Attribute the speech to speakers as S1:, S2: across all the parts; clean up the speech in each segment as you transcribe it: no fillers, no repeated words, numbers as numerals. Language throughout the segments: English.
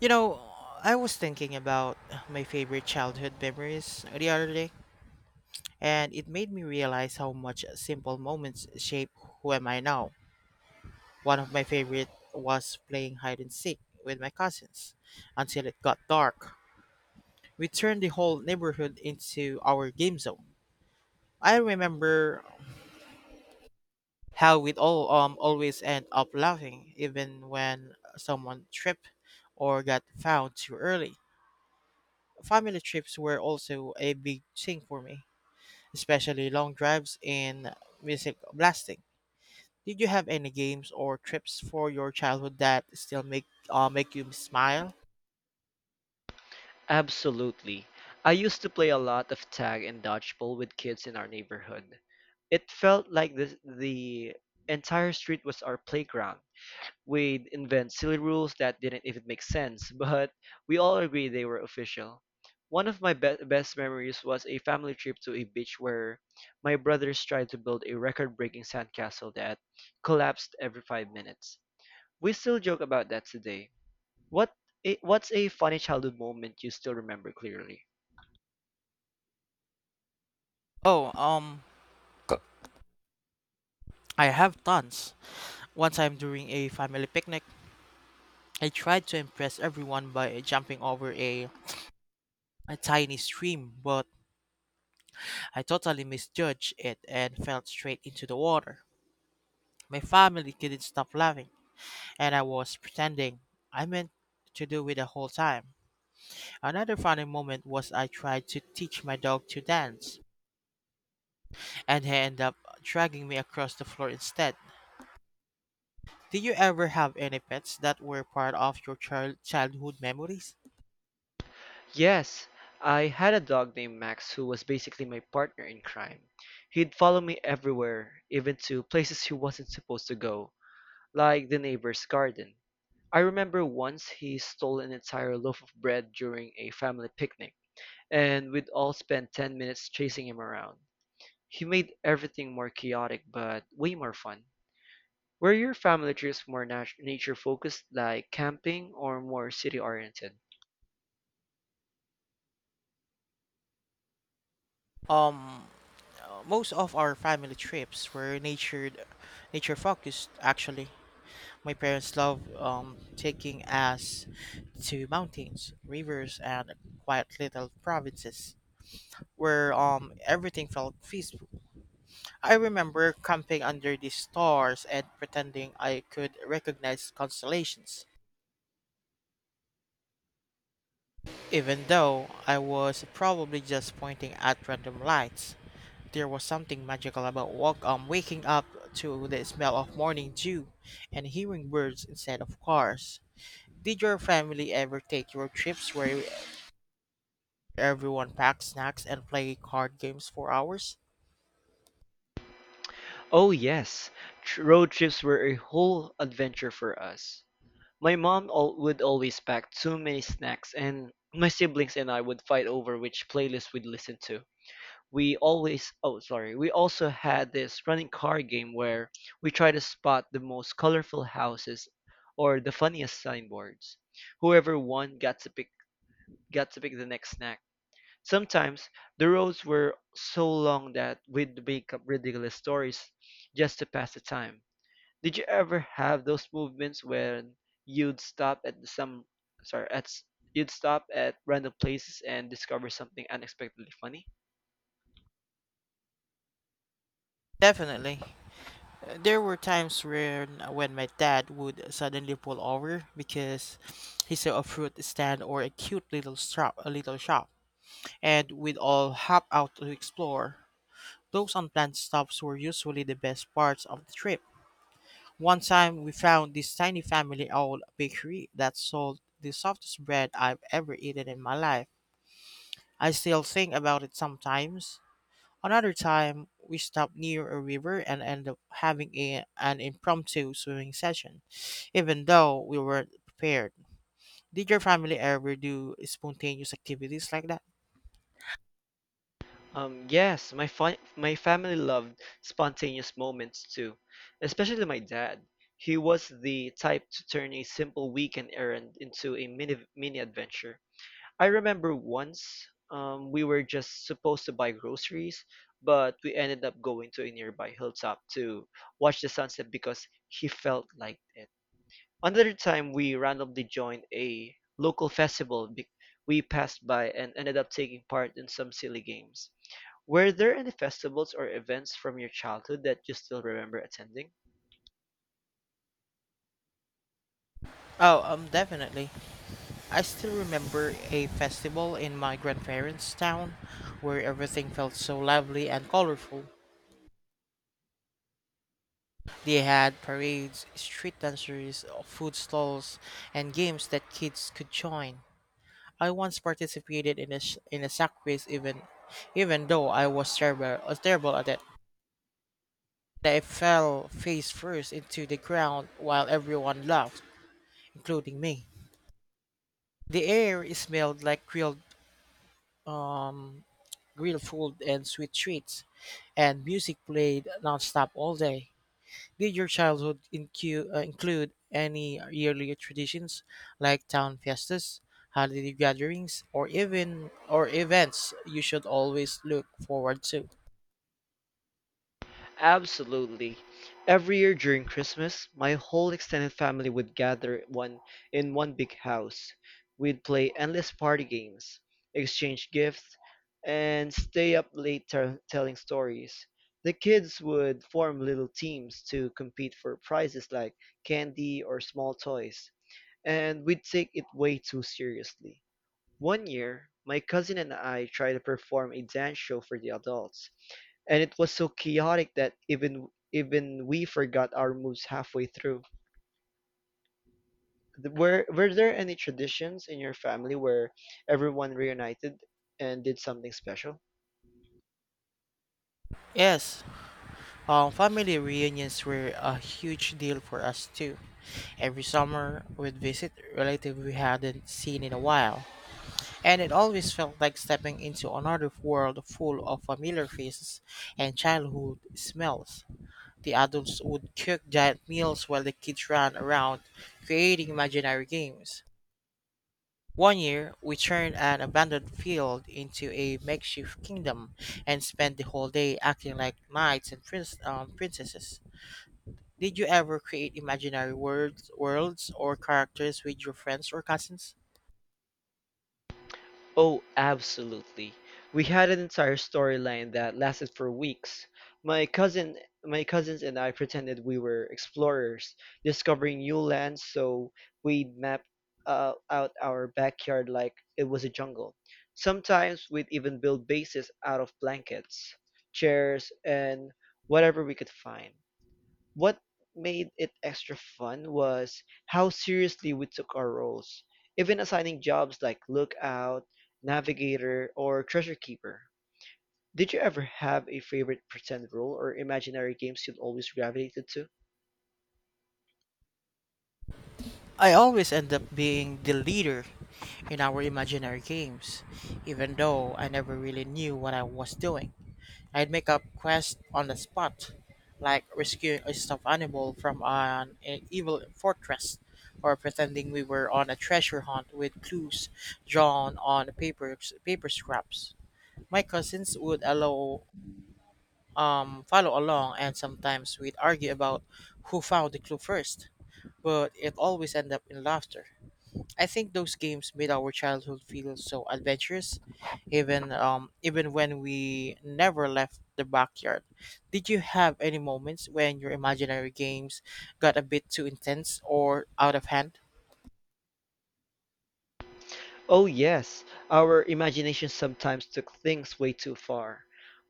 S1: You know, I was thinking about my favorite childhood memories the other day, and it made me realize how much simple moments shape who am I now. One of my favorite was playing hide and seek with my cousins until it got dark. We turned the whole neighborhood into our game zone. I remember how we'd all always end up laughing even when someone tripped or got found too early. Family trips were also a big thing for me, especially long drives and music blasting. Did you have any games or trips for your childhood that still make you smile?
S2: Absolutely. I used to play a lot of tag and dodgeball with kids in our neighborhood. It felt like the entire street was our playground. We'd invent silly rules that didn't even make sense, but we all agreed they were official. One of my best memories was a family trip to a beach where my brothers tried to build a record breaking sandcastle that collapsed every 5 minutes. We still joke about that today. What what's a funny childhood moment you still remember clearly?
S1: Oh, um, I have tons. One time during a family picnic, I tried to impress everyone by jumping over a tiny stream, but I totally misjudged it and fell straight into the water. My family couldn't stop laughing, and I was pretending I meant to do it the whole time. Another funny moment was I tried to teach my dog to dance, and he ended up dragging me across the floor instead. Do you ever have any pets that were part of your childhood memories?
S2: Yes, I had a dog named Max who was basically my partner in crime. He'd follow me everywhere, even to places he wasn't supposed to go, like the neighbor's garden. I remember once he stole an entire loaf of bread during a family picnic, and we'd all spend 10 minutes chasing him around. He made everything more chaotic but way more fun. Were your family trips more nature focused, like camping, or more city oriented?
S1: Um, Most of our family trips were nature focused. Actually, my parents love taking us to mountains, rivers, and quiet little provinces where everything felt peaceful. I remember camping under the stars and pretending I could recognize constellations, even though I was probably just pointing at random lights. There was something magical about waking up to the smell of morning dew and hearing birds instead of cars. Did your family ever take road trips where everyone packed snacks and play card games for hours?
S2: Oh, yes. Road trips were a whole adventure for us. My mom would always pack too many snacks, and my siblings and I would fight over which playlist we'd listen to. We always, oh, sorry, We also had this running car game where we try to spot the most colorful houses or the funniest signboards. Whoever won got to pick the next snack. Sometimes the roads were so long that we'd make up ridiculous stories just to pass the time. Did you ever have those movements when you'd stop at some sorry at s- you'd stop at random places and discover something unexpectedly funny?
S1: Definitely. There were times where when my dad would suddenly pull over because he saw a fruit stand or a cute a little shop, and we'd all hop out to explore. Those unplanned stops were usually the best parts of the trip. One time, we found this tiny family-owned bakery that sold the softest bread I've ever eaten in my life. I still think about it sometimes. Another time, we stopped near a river and ended up having an impromptu swimming session, even though we weren't prepared. Did your family ever do spontaneous activities like that?
S2: Yes, my family loved spontaneous moments too, especially my dad. He was the type to turn a simple weekend errand into a mini adventure. I remember once we were just supposed to buy groceries, but we ended up going to a nearby hilltop to watch the sunset because he felt like it. Another time we randomly joined a local festival be we passed by and ended up taking part in some silly games. Were there any festivals or events from your childhood that you still remember attending?
S1: Oh, Definitely. I still remember a festival in my grandparents' town where everything felt so lively and colorful. They had parades, street dancers, food stalls, and games that kids could join. I once participated in a sack race, even though I was terrible at it. I fell face first into the ground while everyone laughed, including me. The air smelled like uh, grilled food and sweet treats, and music played nonstop all day. Did your childhood include any yearly traditions like town festas, holiday gatherings, or events you should always look forward to?
S2: Absolutely. Every year during Christmas, my whole extended family would gather one in one big house. We'd play endless party games, exchange gifts, and stay up late telling stories. The kids would form little teams to compete for prizes like candy or small toys, and we'd take it way too seriously. One year, my cousin and I tried to perform a dance show for the adults, and it was so chaotic that even we forgot our moves halfway through. Were there any traditions in your family where everyone reunited and did something special?
S1: Yes, family reunions were a huge deal for us too. Every summer, we'd visit relatives we hadn't seen in a while, and it always felt like stepping into another world full of familiar faces and childhood smells. The adults would cook giant meals while the kids ran around creating imaginary games. One year, we turned an abandoned field into a makeshift kingdom and spent the whole day acting like knights and princesses. Did you ever create imaginary worlds or characters with your friends or cousins?
S2: Oh, absolutely. We had an entire storyline that lasted for weeks. My cousin, my cousins and I pretended we were explorers, discovering new lands, so we'd map out our backyard like it was a jungle. Sometimes we'd even build bases out of blankets, chairs, and whatever we could find. What made it extra fun was how seriously we took our roles, even assigning jobs like lookout, navigator, or treasure keeper. Did you ever have a favorite pretend role or imaginary games you'd always gravitated to?
S1: I always end up being the leader in our imaginary games, even though I never really knew what I was doing. I'd make up quests on the spot, like rescuing a stuffed animal from an evil fortress, or pretending we were on a treasure hunt with clues drawn on paper scraps. My cousins would allow follow along, and sometimes we'd argue about who found the clue first. But it always ended up in laughter. I think those games made our childhood feel so adventurous, even when we never left the backyard. Did you have any moments when your imaginary games got a bit too intense or out of hand?
S2: Oh, yes, our imagination sometimes took things way too far.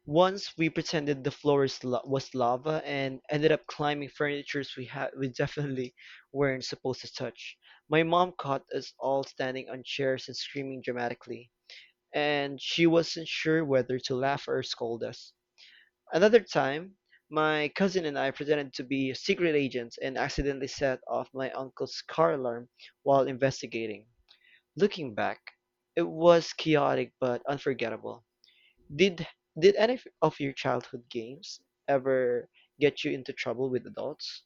S2: Once we pretended the was lava and ended up climbing furnitures we definitely weren't supposed to touch. My mom caught us all standing on chairs and screaming dramatically, and she wasn't sure whether to laugh or scold us. Another time, my cousin and I pretended to be secret agents and accidentally set off my uncle's car alarm while investigating. Looking back, it was chaotic but unforgettable. Did did any of your childhood games ever get you into trouble with adults?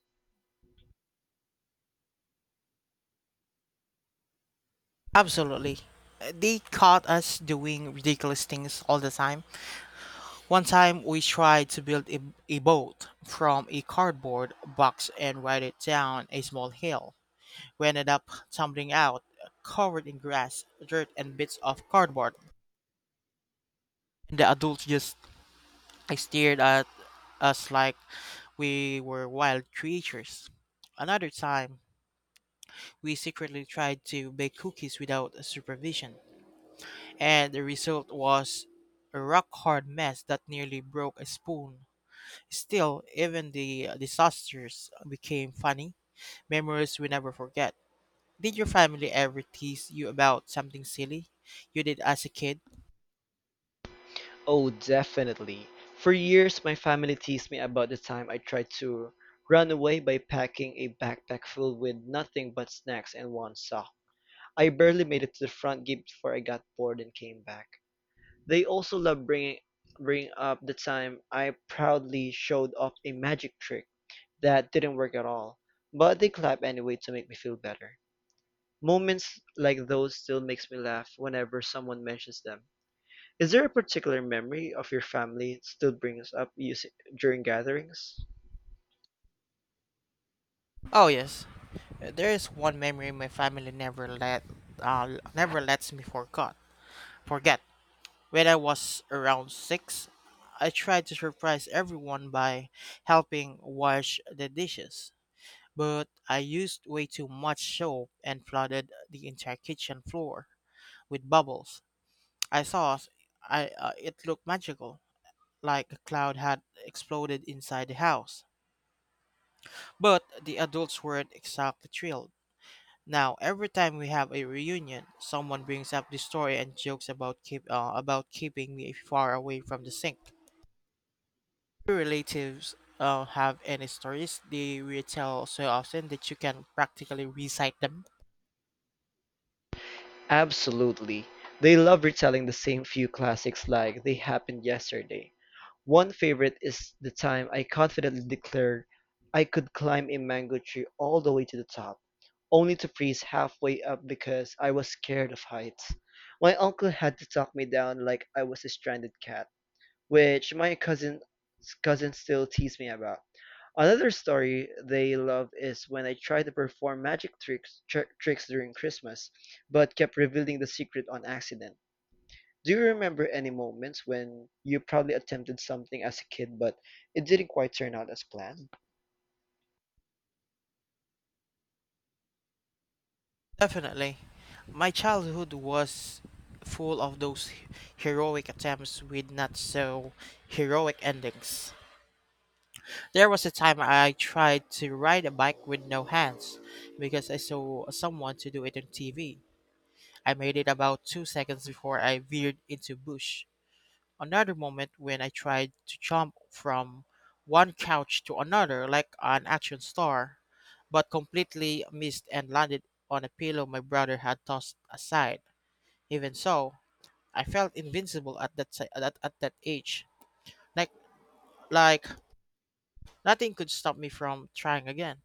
S1: Absolutely. They caught us doing ridiculous things all the time. One time we tried to build a boat from a cardboard box and ride it down a small hill. We ended up tumbling out, covered in grass, dirt, and bits of cardboard. And the adults just stared at us like we were wild creatures. Another time, we secretly tried to bake cookies without supervision, and the result was a rock hard mess that nearly broke a spoon. Still, even the disasters became funny, memories we never forget. Did your family ever tease you about something silly you did as a kid?
S2: Oh, definitely. For years, my family teased me about the time I tried to run away by packing a backpack filled with nothing but snacks and one sock. I barely made it to the front gate before I got bored and came back. They also loved bringing up the time I proudly showed off a magic trick that didn't work at all, but they clapped anyway to make me feel better. Moments like those still makes me laugh whenever someone mentions them. Is there a particular memory of your family still brings up you during gatherings?
S1: Oh yes. There is one memory my family never lets me forgot. Forget when I was around six, I tried to surprise everyone by helping wash the dishes, but I used way too much soap and flooded the entire kitchen floor with bubbles. I saw s- I it looked magical, like a cloud had exploded inside the house. But the adults weren't exactly thrilled. Now, every time we have a reunion, someone brings up the story and jokes about keep about keeping me far away from the sink. Your relatives have any stories they retell so often that you can practically recite them?
S2: Absolutely. They love retelling the same few classics like they happened yesterday. One favorite is the time I confidently declared I could climb a mango tree all the way to the top, only to freeze halfway up because I was scared of heights. My uncle had to talk me down like I was a stranded cat, which my cousin's cousin still tease me about. Another story they love is when I tried to perform tricks during Christmas, but kept revealing the secret on accident. Do you remember any moments when you probably attempted something as a kid but it didn't quite turn out as planned?
S1: Definitely. My childhood was full of those heroic attempts with not so heroic endings. There was a time I tried to ride a bike with no hands because I saw someone to do it on TV. I made it about 2 seconds before I veered into bush. Another moment when I tried to jump from one couch to another like an action star but completely missed and landed on a pillow my brother had tossed aside. Even so, I felt invincible at at that age. Like like nothing could stop me from trying again.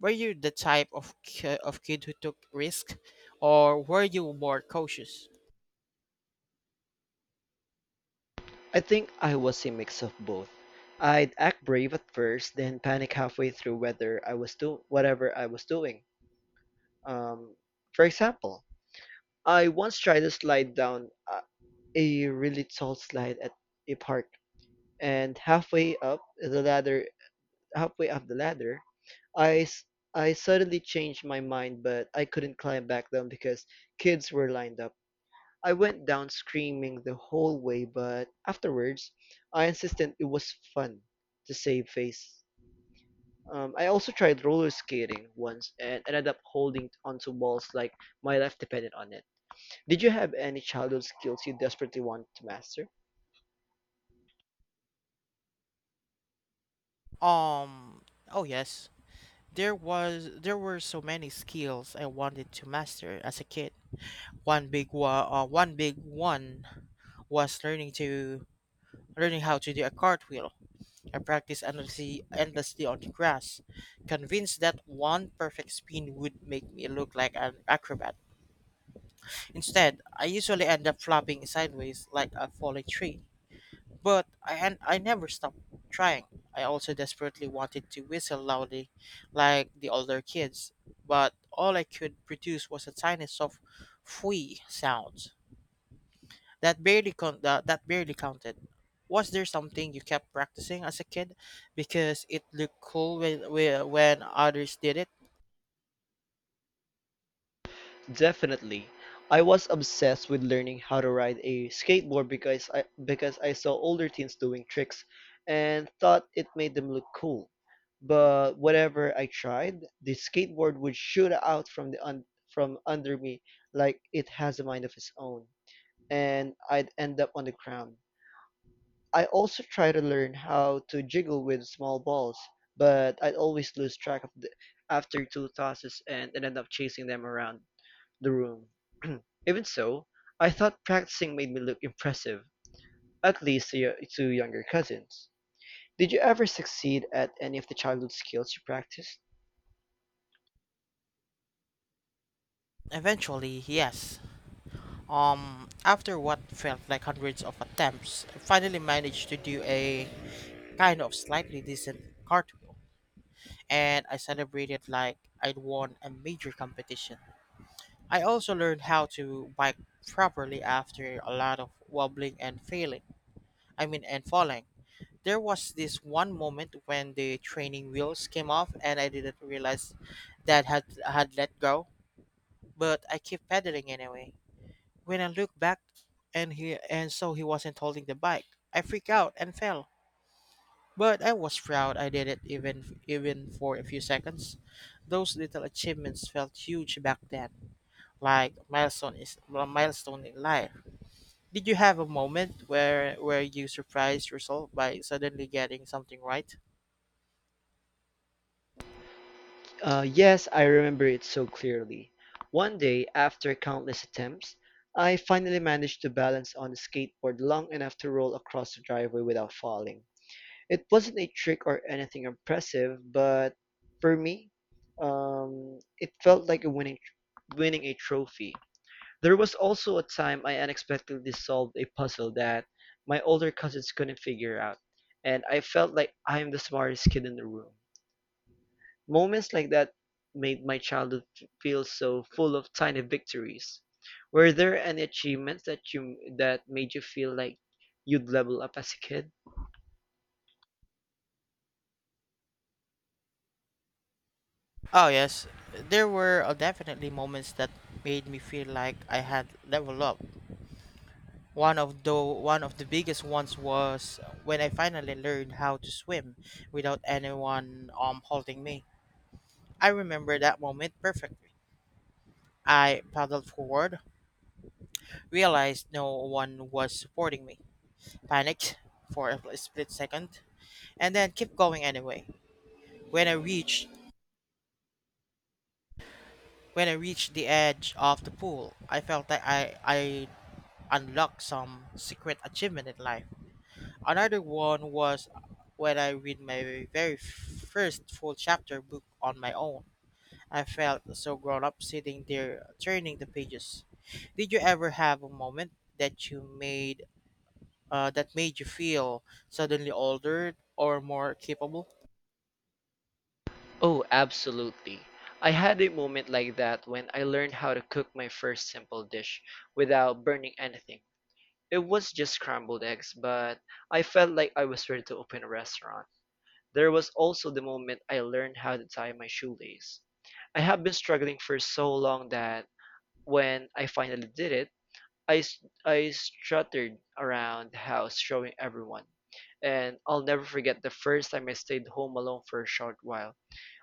S1: Were you the type of kid who took risk or were you more cautious?
S2: I think I was a mix of both. I'd act brave at first, then panic halfway through whether I was doing whatever I was doing. Um, for example, I once tried to slide down a really tall slide at a park, and halfway up the ladder, I s- I suddenly changed my mind, but I couldn't climb back down because kids were lined up. I went down screaming the whole way, but afterwards, I insisted it was fun to save face. I also tried roller skating once and ended up holding onto balls like my life depended on it. Did you have any childhood skills you desperately wanted to master?
S1: Um oh yes. There were so many skills I wanted to master as a kid. One big one was learning how to do a cartwheel. I practiced endlessly on the grass, convinced that one perfect spin would make me look like an acrobat. Instead, I usually end up flopping sideways like a falling tree. And I never stopped trying. I also desperately wanted to whistle loudly like the older kids, but all I could produce was a tiny soft fui sound that that barely counted. Was there something you kept practicing as a kid because it looked cool when others did it?
S2: Definitely. I was obsessed with learning how to ride a skateboard because I saw older teens doing tricks and thought it made them look cool. But whenever I tried, the skateboard would shoot out from under me like it has a mind of its own, and I'd end up on the ground. I also try to learn how to jiggle with small balls, but I'd always lose track of the after 2 tosses and end up chasing them around the room. Even so, I thought practicing made me look impressive, at least to younger cousins. Did you ever succeed at any of the childhood skills you practiced?
S1: Eventually, yes. After what felt like hundreds of attempts, I finally managed to do a kind of slightly decent cartwheel, and I celebrated like I'd won a major competition. I also learned how to bike properly after a lot of wobbling and failing. I mean, and falling, there was this one moment when the training wheels came off and I didn't realize that had let go, but I kept pedaling anyway. When I looked back and he and so he wasn't holding the bike, I freaked out and fell. But I was proud I did it even for a few seconds. Those little achievements felt huge back then, like milestone is a milestone in life. Did you have a moment where you surprised yourself by suddenly getting something right?
S2: Yes, I remember it so clearly. One day, after countless attempts, I finally managed to balance on a skateboard long enough to roll across the driveway without falling. It wasn't a trick or anything impressive, but for me, it felt like winning a trophy. There was also a time I unexpectedly solved a puzzle that my older cousins couldn't figure out, and I felt like I'm the smartest kid in the room. Moments like that made my childhood feel so full of tiny victories. Were there any achievements that made you feel like you'd level up as a kid?
S1: Oh, yes. There were definitely moments that made me feel like I had leveled up. One of the biggest ones was when I finally learned how to swim without anyone holding me. I remember that moment perfectly. I paddled forward, realized no one was supporting me, panicked for a split second, and then kept going anyway. When I reached when I reached the edge of the pool, I felt like I unlock some secret achievement in life. Another one was when I read my very first full chapter book on my own. I felt so grown up sitting there turning the pages. Did you ever have a moment that you made that made you feel suddenly older or more capable?
S2: Oh, absolutely. I had a moment like that when I learned how to cook my first simple dish without burning anything. It was just scrambled eggs, but I felt like I was ready to open a restaurant. There was also the moment I learned how to tie my shoelace. I have been struggling for so long that when I finally did it, I strutted around the house showing everyone. And I'll never forget the first time I stayed home alone for a short while.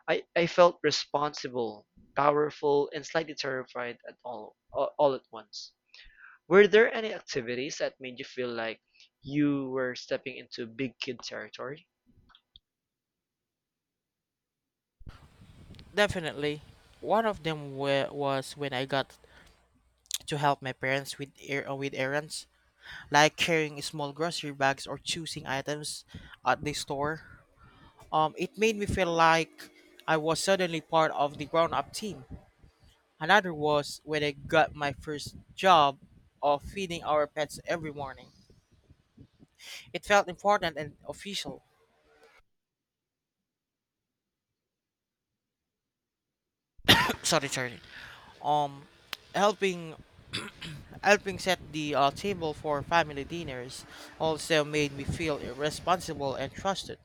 S2: I felt responsible, powerful, and slightly terrified at all at once. Were there any activities that made you feel like you were stepping into big kid territory?
S1: Definitely. One of them was when I got to help my parents with err with errands, like carrying small grocery bags or choosing items at the store. It made me feel like I was suddenly part of the grown up team. Another was when I got my first job of feeding our pets every morning. It felt important and official. Sorry, sorry. Um, helping helping set the table for family dinners also made me feel responsible and trusted.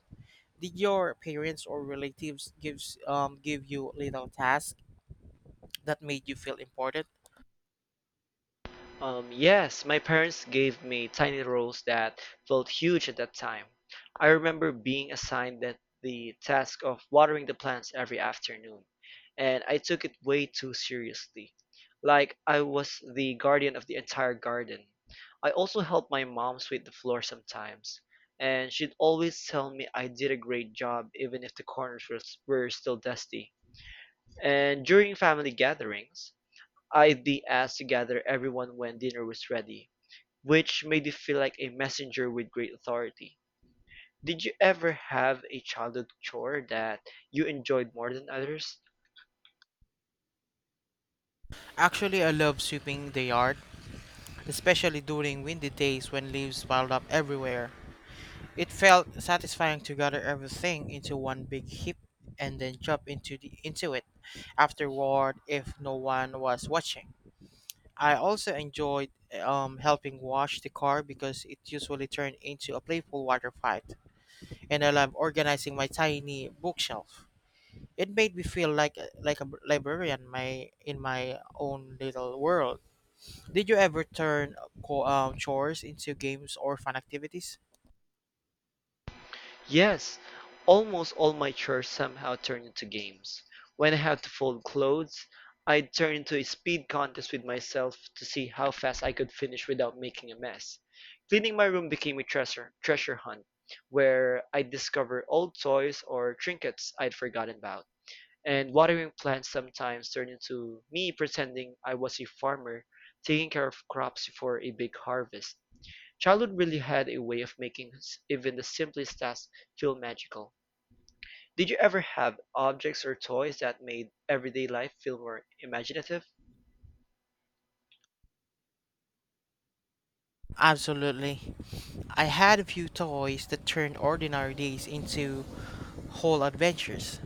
S1: Did your parents or relatives give you little tasks that made you feel important?
S2: Yes, my parents gave me tiny roles that felt huge at that time. I remember being assigned that the task of watering the plants every afternoon, and I took it way too seriously. Like I was the guardian of the entire garden. I also helped my mom sweep the floor sometimes, and she'd always tell me I did a great job even if the corners were still dusty. And during family gatherings, I'd be asked to gather everyone when dinner was ready, which made me feel like a messenger with great authority. Did you ever have a childhood chore that you enjoyed more than others?
S1: Actually, I love sweeping the yard, especially during windy days when leaves piled up everywhere. It felt satisfying to gather everything into one big heap and then jump into the into it afterward if no one was watching. I also enjoyed helping wash the car because it usually turned into a playful water fight, and I love organizing my tiny bookshelf. It made me feel like a librarian my in my own little world. Did you ever turn chores into games or fun activities?
S2: Yes, almost all my chores somehow turned into games. When I had to fold clothes, I'd turn into a speed contest with myself to see how fast I could finish without making a mess. Cleaning my room became a treasure hunt where I'd discover old toys or trinkets I'd forgotten about. And watering plants sometimes turned into me pretending I was a farmer taking care of crops before a big harvest. Childhood really had a way of making even the simplest tasks feel magical. Did you ever have objects or toys that made everyday life feel more imaginative?
S1: Absolutely. I had a few toys that turned ordinary days into whole adventures.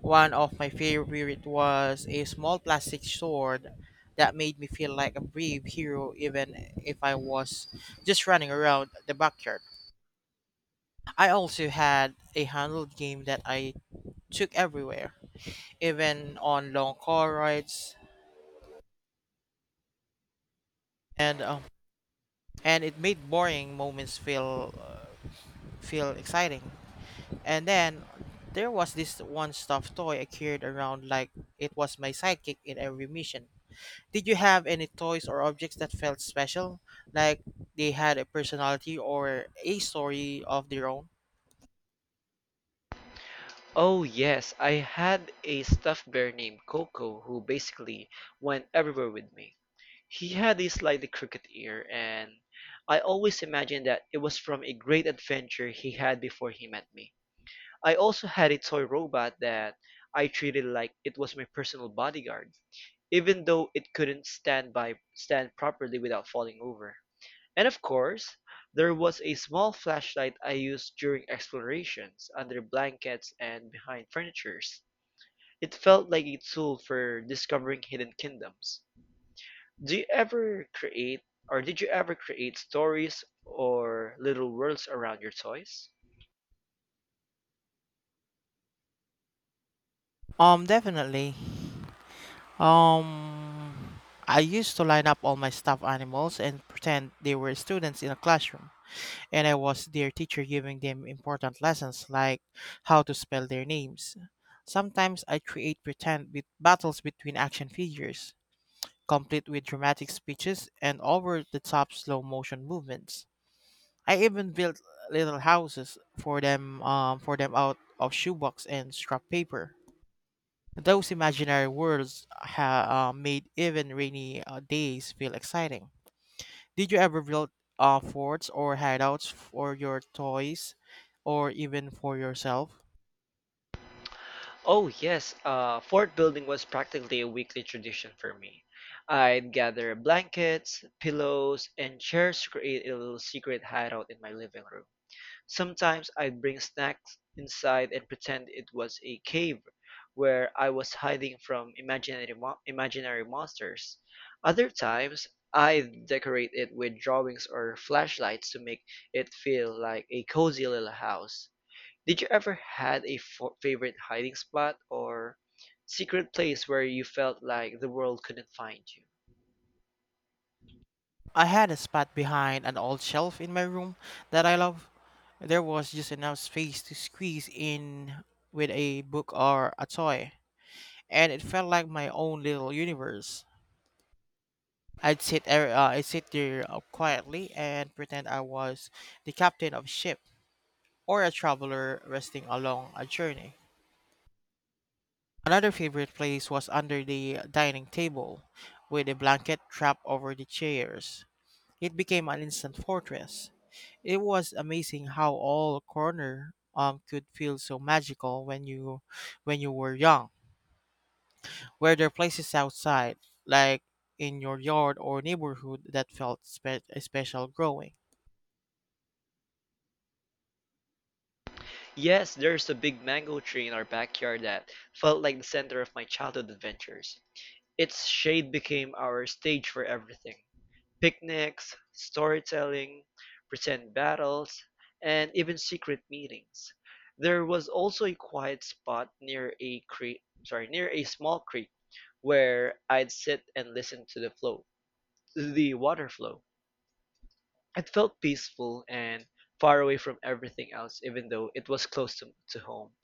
S1: One of my favorite was a small plastic sword that made me feel like a brave hero even if I was just running around the backyard. I also had a handheld game that I took everywhere, even on long car rides, and um, and it made boring moments feel exciting. And then there was this one stuffed toy I carried around like it was my sidekick in every mission. Did you have any toys or objects that felt special, like they had a personality or a story of their own?
S2: Oh, yes, I had a stuffed bear named Coco who basically went everywhere with me. He had a slightly crooked ear, and I always imagined that it was from a great adventure he had before he met me. I also had a toy robot that I treated like it was my personal bodyguard, even though it couldn't stand properly without falling over. And of course, there was a small flashlight I used during explorations, under blankets and behind furnitures. It felt like a tool for discovering hidden kingdoms. Do you ever create or did you ever create stories or little worlds around your toys?
S1: Definitely. Um, I used to line up all my stuffed animals and pretend they were students in a classroom, and I was their teacher giving them important lessons like how to spell their names. Sometimes I create pretend battles between action figures, complete with dramatic speeches and over the top slow motion movements. I even built little houses for them out of shoebox and scrap paper. Those imaginary worlds made even rainy days feel exciting. Did you ever build forts or hideouts for your toys or even for yourself?
S2: Oh yes, fort building was practically a weekly tradition for me. I'd gather blankets, pillows, and chairs to create a little secret hideout in my living room. Sometimes I'd bring snacks inside and pretend it was a cave where I was hiding from imaginary monsters. Other times, I'd decorate it with drawings or flashlights to make it feel like a cozy little house. Did you ever had a favorite hiding spot or secret place where you felt like the world couldn't find you?
S1: I had a spot behind an old shelf in my room that I love. There was just enough space to squeeze in with a book or a toy, and it felt like my own little universe. I'd sit there quietly and pretend I was the captain of a ship or a traveler resting along a journey. Another favorite place was under the dining table, with a blanket draped over the chairs. It became an instant fortress. It was amazing how all corner could feel so magical when you were young. Were there places outside, like in your yard or neighborhood, that felt special growing?
S2: Yes, there's a big mango tree in our backyard that felt like the center of my childhood adventures. Its shade became our stage for everything: picnics, storytelling, pretend battles, and even secret meetings. There was also a quiet spot near a small creek where I'd sit and listen to the water flow. It felt peaceful and far away from everything else even though it was close to home.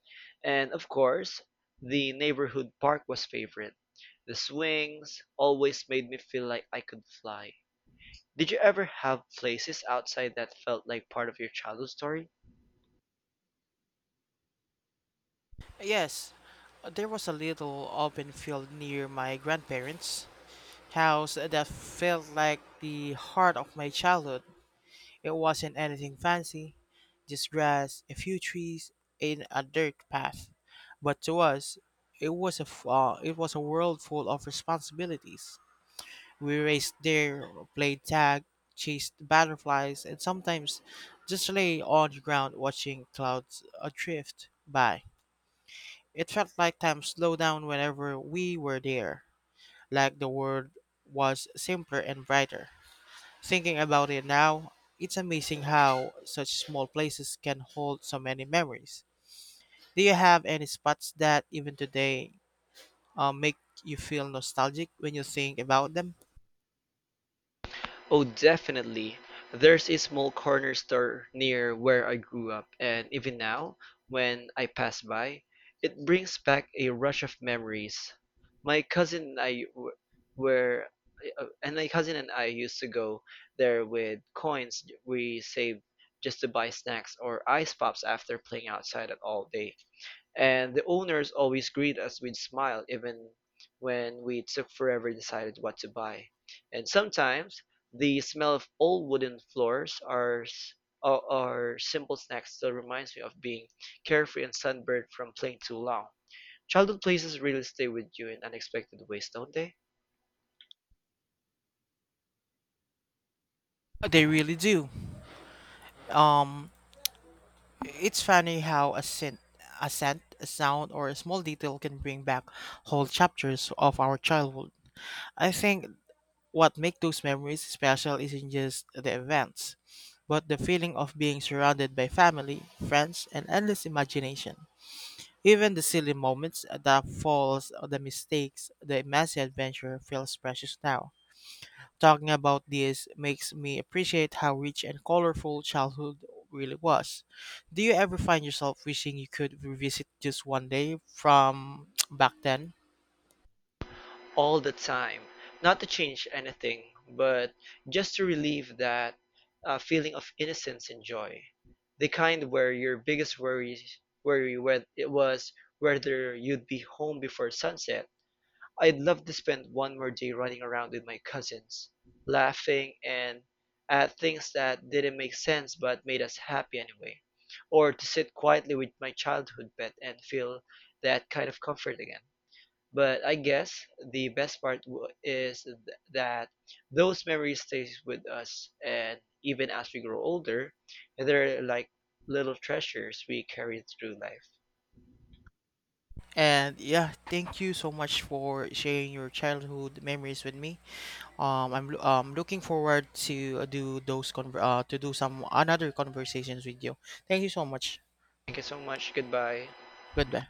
S2: And of course, the neighborhood park was favorite. The swings always made me feel like I could fly. Did you ever have places outside that felt like part of your childhood story?
S1: Yes, there was a little open field near my grandparents' house that felt like the heart of my childhood. It wasn't anything fancy, just grass, a few trees, and a dirt path. But to us, it was it was a world full of responsibilities. We raced there, played tag, chased butterflies, and sometimes just lay on the ground watching clouds drift by. It felt like time slowed down whenever we were there, like the world was simpler and brighter. Thinking about it now, it's amazing how such small places can hold so many memories. Do you have any spots that even today make you feel nostalgic when you think about them?
S2: Oh, definitely. There's a small corner store near where I grew up, and even now, when I pass by, it brings back a rush of memories. My cousin and I w- were, and my cousin and I used to go there with coins we saved just to buy snacks or ice pops after playing outside at all day. And the owners always greet us with smile even when we took forever decided what to buy. And sometimes the smell of old wooden floors are or simple snacks still reminds me of being carefree and sunburned from playing too long. Childhood places really stay with you in unexpected ways, don't they?
S1: They really do. Um, it's funny how a scent, a sound, or a small detail can bring back whole chapters of our childhood. I think what makes those memories special isn't just the events, but the feeling of being surrounded by family, friends, and endless imagination. Even the silly moments, the falls, the mistakes, the immense adventure feels precious now. Talking about this makes me appreciate how rich and colorful childhood really was. Do you ever find yourself wishing you could revisit just one day from back then?
S2: All the time. Not to change anything, but just to relieve that feeling of innocence and joy. The kind where your biggest it was whether you'd be home before sunset. I'd love to spend one more day running around with my cousins, laughing and at things that didn't make sense but made us happy anyway. Or to sit quietly with my childhood pet and feel that kind of comfort again. But I guess the best part w- is th- that those memories stays with us, and even as we grow older, they're like little treasures we carry through life.
S1: And yeah, thank you so much for sharing your childhood memories with me. I'm looking forward to do those to do some another conversations with you. Thank you so much.
S2: Thank you so much. Goodbye.
S1: Goodbye.